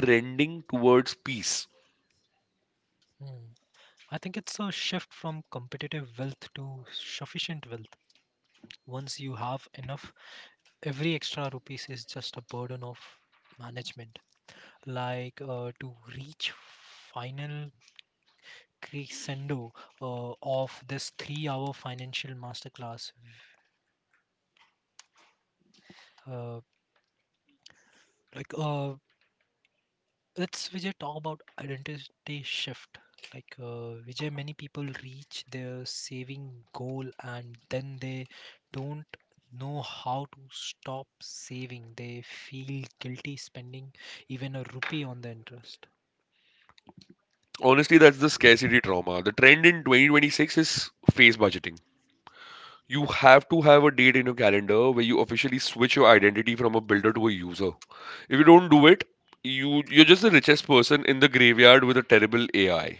trending towards peace.
Hmm. I think it's a shift from competitive wealth to sufficient wealth. Once you have enough, every extra rupees is just a burden of management. Like, to reach final crescendo of this 3-hour financial masterclass, uh, like, let's, Vijay, talk about identity shift. Like, Vijay, many people reach their saving goal and then they don't know how to stop saving. They feel guilty spending even a rupee on the interest.
Honestly, that's the scarcity trauma. The trend in 2026 is phase budgeting. You have to have a date in your calendar where you officially switch your identity from a builder to a user. If you don't do it, you're just the richest person in the graveyard with a terrible AI.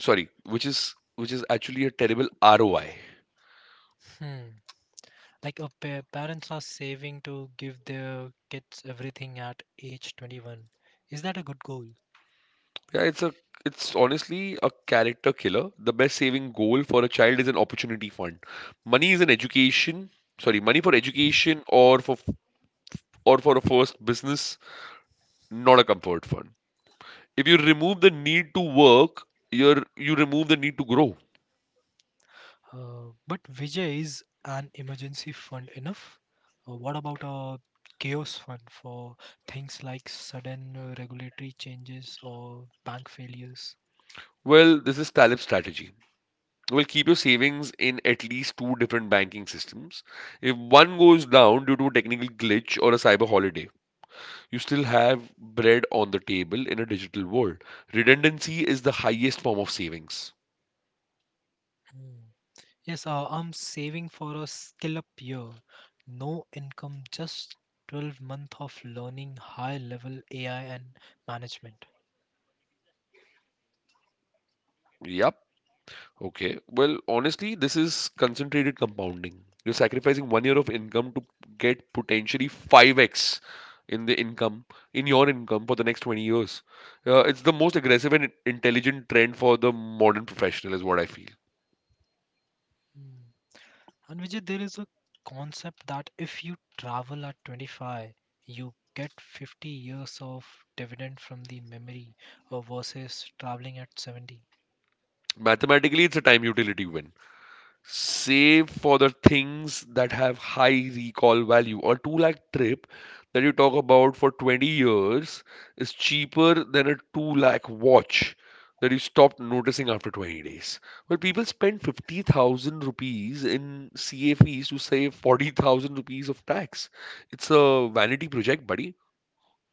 Sorry, which is actually a terrible ROI.
Hmm. Like, parents are saving to give their kids everything at age 21. Is that a good goal?
Yeah, it's honestly a character killer. The best saving goal for a child is an opportunity fund. Money is an education, sorry, money for education or for a first business, not a comfort fund. If you remove the need to work, you remove the need to grow.
But, Vijay, is an emergency fund enough? What about a chaos fund for things like sudden regulatory changes or bank failures?
Well, this is Talib's strategy. Well, keep your savings in at least two different banking systems. If one goes down due to a technical glitch or a cyber holiday, you still have bread on the table in a digital world. Redundancy is the highest form of savings.
Hmm. Yes, I'm saving for a skill up year. No income, just 12 month of learning high level AI and management.
Yep. Okay. Well, honestly, this is concentrated compounding. You're sacrificing 1 year of income to get potentially 5x in in your income for the next 20 years. It's the most aggressive and intelligent trend for the modern professional, is what I feel.
Hmm. And Vijay, there is a concept that if you travel at 25, you get 50 years of dividend from the memory, versus traveling at 70.
Mathematically, it's a time utility win. Save for the things that have high recall value. A 2 lakh trip that you talk about for 20 years is cheaper than a 2 lakh watch that you stopped noticing after 20 days. But people spend 50,000 rupees in CA fees to save 40,000 rupees of tax. It's a vanity project, buddy.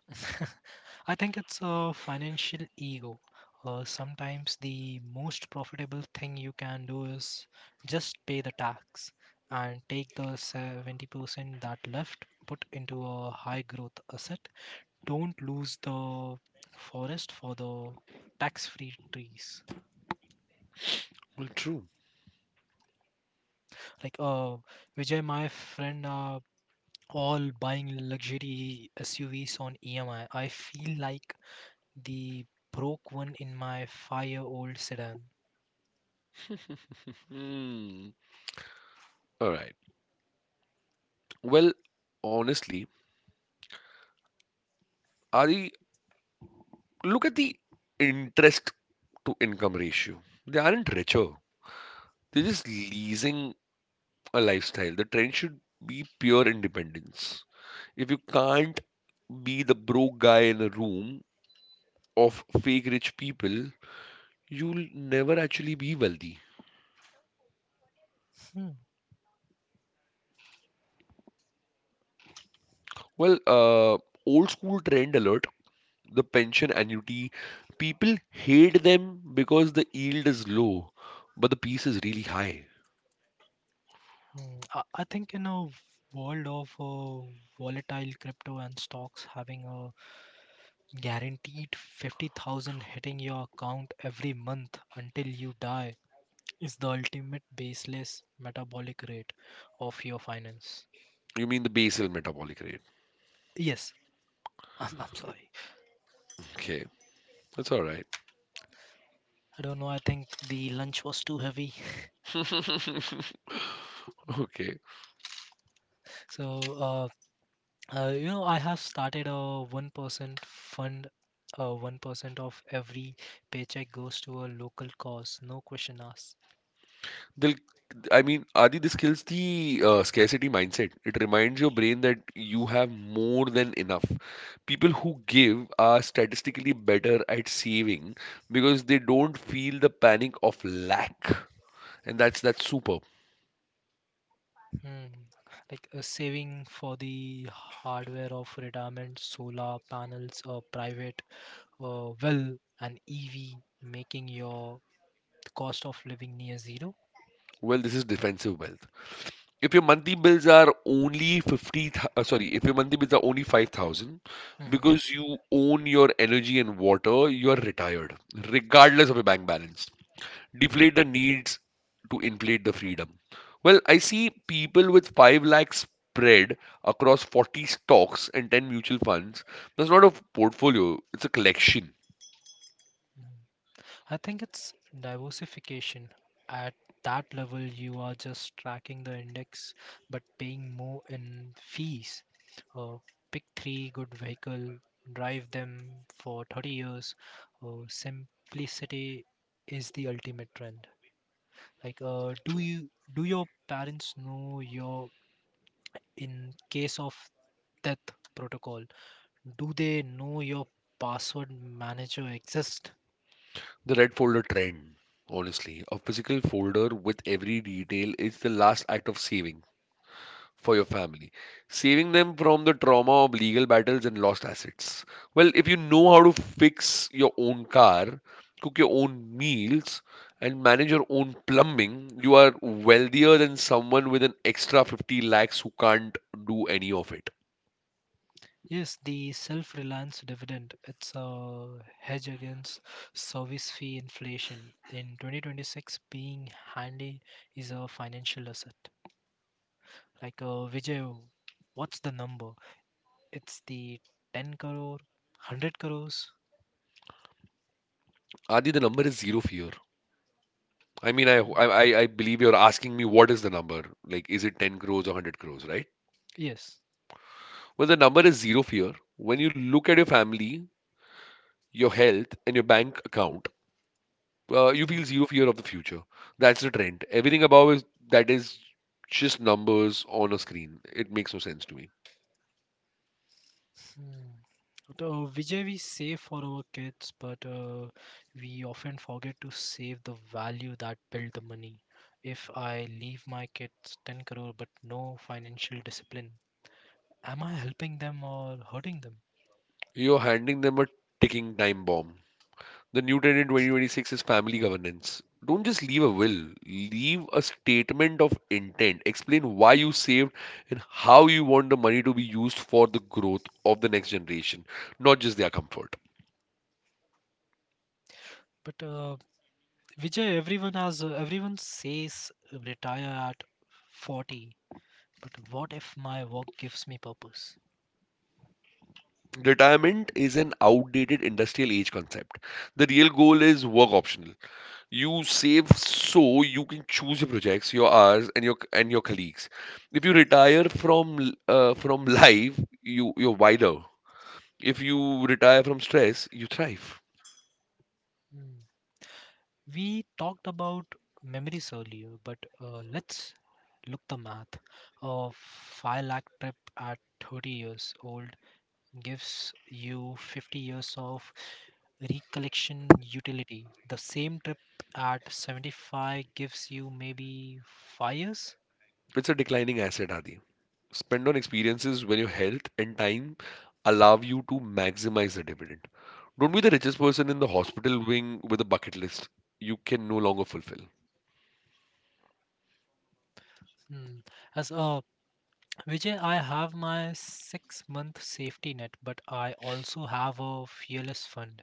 I think it's a financial ego. Sometimes the most profitable thing you can do is just pay the tax and take the 70% that left, put into a high growth asset. Don't lose the forest for the tax free trees.
Well, true.
Like, Vijay, my friend, all buying luxury SUVs on EMI. I feel like the broke one in my 5-year-old sedan.
Hmm. All right. Well, honestly, Adi, look at the interest to income ratio. They aren't richer. They're just leasing a lifestyle. The trend should be pure independence. If you can't be the broke guy in a room of fake rich people, you'll never actually be wealthy.
Hmm.
Well, old school trend alert, the pension annuity. People hate them because the yield is low, but the piece is really high.
Hmm. I think in a world of volatile crypto and stocks, having a guaranteed 50,000 hitting your account every month until you die is the ultimate baseless metabolic rate of your finance.
You mean the basal metabolic rate?
Yes. I'm sorry.
Okay, that's all right.
I don't know. I think the lunch was too heavy.
okay.
So, I have started a 1% fund. 1% of every paycheck goes to a local cause, no question asked.
They'll, I mean, Adi, this kills the scarcity mindset. It reminds your brain that you have more than enough. People who give are statistically better at saving because they don't feel the panic of lack. And that's super.
Hmm. Like, a saving for the hardware of retirement, solar panels, a private well, an EV, making your cost of living near 0.
Well, this is defensive wealth. If your monthly bills are only 50, th- If your monthly bills are only 5,000
Hmm.
because you own your energy and water, you are retired, regardless of your bank balance. Deflate the needs to inflate the freedom. Well, I see people with 5 lakh spread across 40 stocks and 10 mutual funds. That's not a portfolio, it's a collection.
I think it's diversification. At that level, you are just tracking the index but paying more in fees. Uh, Pick three good vehicle, drive them for 30 years. Simplicity is the ultimate trend. Like, do your parents know your in case of death protocol? Do they know your password manager exists?
The red folder trend, honestly, a physical folder with every detail is the last act of saving for your family, saving them from the trauma of legal battles and lost assets. Well, if you know how to fix your own car, cook your own meals, and manage your own plumbing, you are wealthier than someone with an extra 50 lakhs who can't do any of it.
Yes, the self-reliance dividend, it's a hedge against service fee inflation. In 2026, being handy is a financial asset. Like, Vijay, what's the number? It's the 10 crore, 100 crores?
Adi, the number is zero fear. I mean, I believe you're asking me, what is the number? Like, is it 10 crores or 100 crores, right?
Yes.
Well, the number is zero fear. When you look at your family, your health, and your bank account, you feel zero fear of the future. That's the trend. Everything above is just numbers on a screen. It makes no sense to me.
Hmm. Vijay, we save for our kids, but we often forget to save the value that built the money. If I leave my kids 10 crore but no financial discipline, am I helping them or hurting them?
You're handing them a ticking time bomb. The new trend in 2026 is family governance. Don't just leave a will, leave a statement of intent. Explain why you saved and how you want the money to be used for the growth of the next generation, not just their comfort.
But Vijay, everyone says retire at 40, but what if my work gives me purpose?
Retirement is an outdated industrial age concept. The real goal is work optional. You save so you can choose your projects, your hours, and your colleagues. If you retire from life, you're wider. If you retire from stress, you thrive.
Hmm. We talked about memories earlier, but let's look the math. A 5 lakh trip at 30 years old gives you 50 years of recollection utility. The same trip at 75 gives you maybe 5 years.
It's a declining asset, Adi. Spend on experiences when your health and time allow you to maximize the dividend. Don't be the richest person in the hospital wing with a bucket list you can no longer fulfill.
Hmm. As a Vijay, I have my 6 month safety net, but I also have a fearless fund.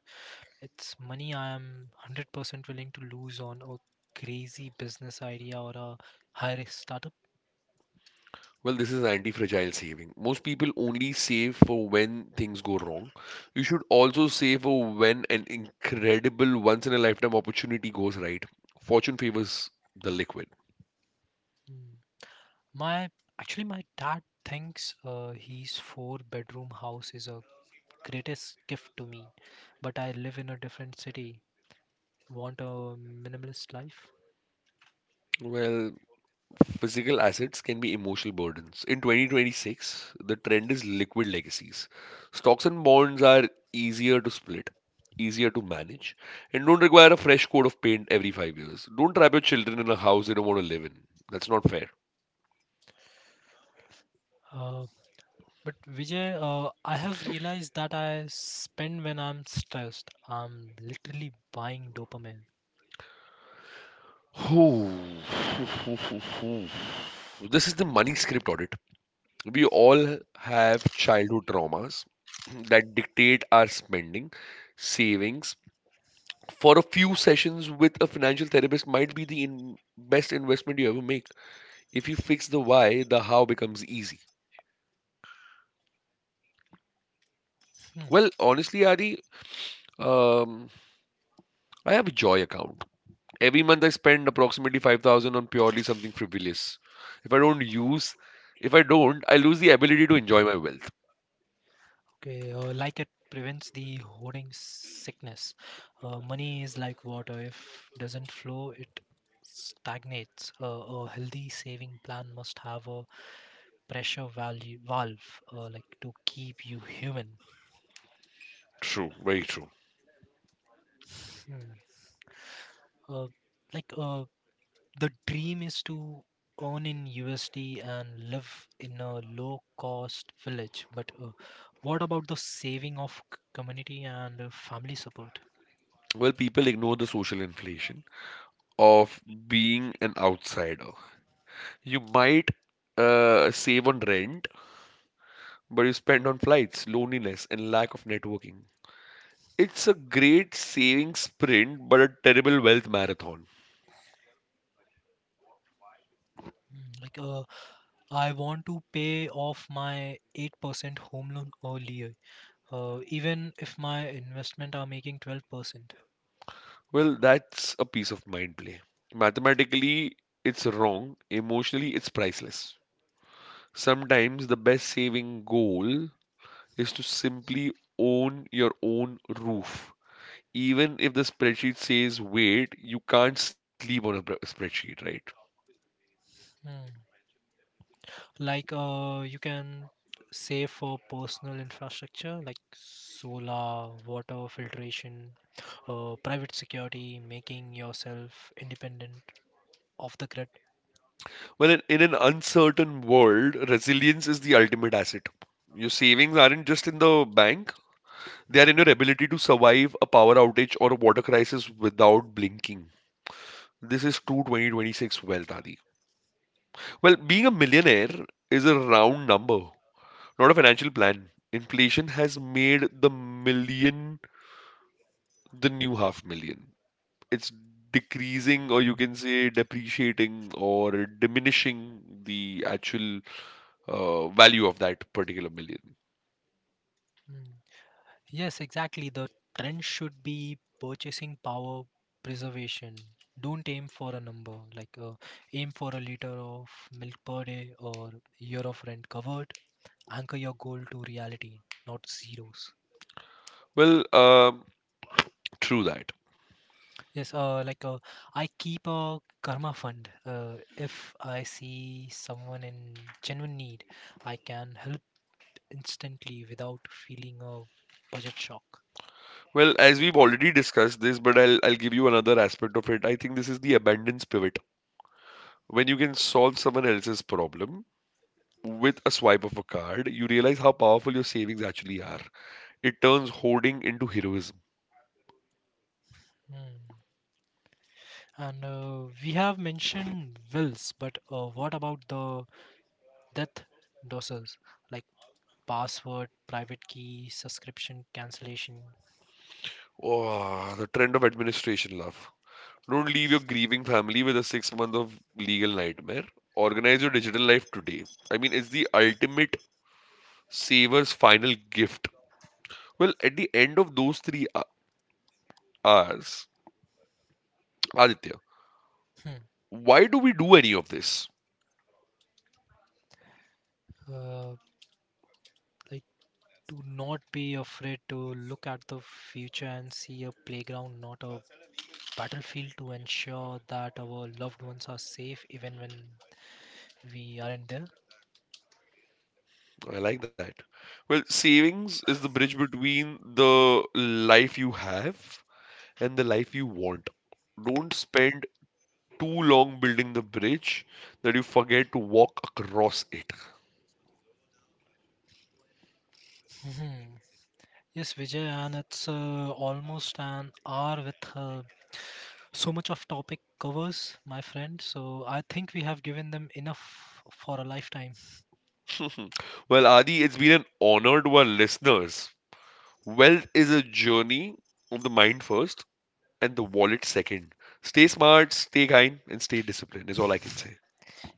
It's money I am 100% willing to lose on a crazy business idea or a high risk startup.
Well, this is anti-fragile saving. Most people only save for when things go wrong. You should also save for when an incredible once-in-a-lifetime opportunity goes right. Fortune favors the liquid.
Mm. My actually my dad thinks his 4-bedroom house is a greatest gift to me, but I live in a different city. Want a minimalist life?
Well, physical assets can be emotional burdens. In 2026, the trend is liquid legacies. Stocks and bonds are easier to split, easier to manage, and don't require a fresh coat of paint every 5 years. Don't trap your children in a house they don't want to live in. That's not fair.
Uh, but, Vijay, I have realized that I spend when I'm stressed. I'm literally buying dopamine.
Ooh. This is the money script audit. We all have childhood traumas that dictate our spending, savings. For a few sessions with a financial therapist might be the best investment you ever make. If you fix the why, the how becomes easy.
Hmm.
Well, honestly, Adi, um, I have a joy account. Every month I spend approximately 5,000 on purely something frivolous. If I don't use, if I don't, I lose the ability to enjoy my wealth.
Okay, like, it prevents the hoarding sickness. Money is like water; if doesn't flow, it stagnates. A healthy saving plan must have a pressure value valve, like, to keep you human.
True, very true.
Hmm. Uh, like, the dream is to earn in USD and live in a low-cost village. But what about the saving of community and family support?
Well, people ignore the social inflation of being an outsider. You might save on rent, but you spend on flights, loneliness, and lack of networking. It's a great saving sprint, but a terrible wealth marathon.
Mm. Like, I want to pay off my 8% home loan earlier, even if my investment are making 12%.
Well, that's a piece of mind play. Mathematically, it's wrong. Emotionally, it's priceless. Sometimes the best saving goal is to simply own your own roof, even if the spreadsheet says wait. You can't sleep on a spreadsheet, right?
Hmm. Like, you can save for personal infrastructure like solar, water filtration, private security, making yourself independent of the grid.
Well, in an uncertain world, resilience is the ultimate asset. Your savings aren't just in the bank, they are in your ability to survive a power outage or a water crisis without blinking. This is true 2026 wealth, Adi. Well, being a millionaire is a round number, not a financial plan. Inflation has made the million the new half million. It's decreasing, or you
Mm.
can say depreciating or diminishing the actual value of that particular million.
Mm. Yes, exactly. The trend should be purchasing power preservation. Don't aim for a number. Like, aim for a liter of milk per day or year of rent covered. Anchor your goal to reality, not zeros.
Well, true that.
Yes, like, I keep a karma fund. If I see someone in genuine need, I can help instantly without feeling a budget shock.
Well, as we've already discussed this, but I'll give you another aspect of it. I think this is the abundance pivot. When you can solve someone else's problem with a swipe of a card, you realize how powerful your savings actually are. It turns hoarding into heroism.
Hmm. And we have mentioned wills, but what about the death doses like password, private key, subscription cancellation?
Oh, the trend of administration love. Don't leave your grieving family with a 6 month of legal nightmare. Organize your digital life today. I mean, it's the ultimate saver's final gift. Well, at the end of those three hours, Aditya,
Hmm.
why do we do any of this?
Uh, like, do not be afraid to look at the future and see a playground, not a battlefield, to ensure that our loved ones are safe even when we aren't there.
I like that. Well, savings is the bridge between the life you have and the life you want. Don't spend too long building the bridge that you forget to walk across it.
Mhm. Yes, Vijay, and it's almost an hour with so much of topic covers, my friend. So I think we have given them enough for a lifetime.
Well, Adi, it's been an honor to our listeners. Wealth is a journey of the mind first and the wallet second. Stay smart, stay kind, and stay disciplined, is all I can say.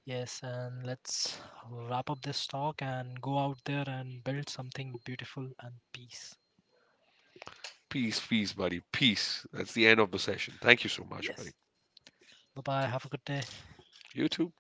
Yes, and let's wrap up this talk and go out there and build something beautiful, and peace.
Peace, peace, buddy. Peace. That's the end of the session. Thank you so much, buddy.
Yes. Bye bye. Have a good day.
You too.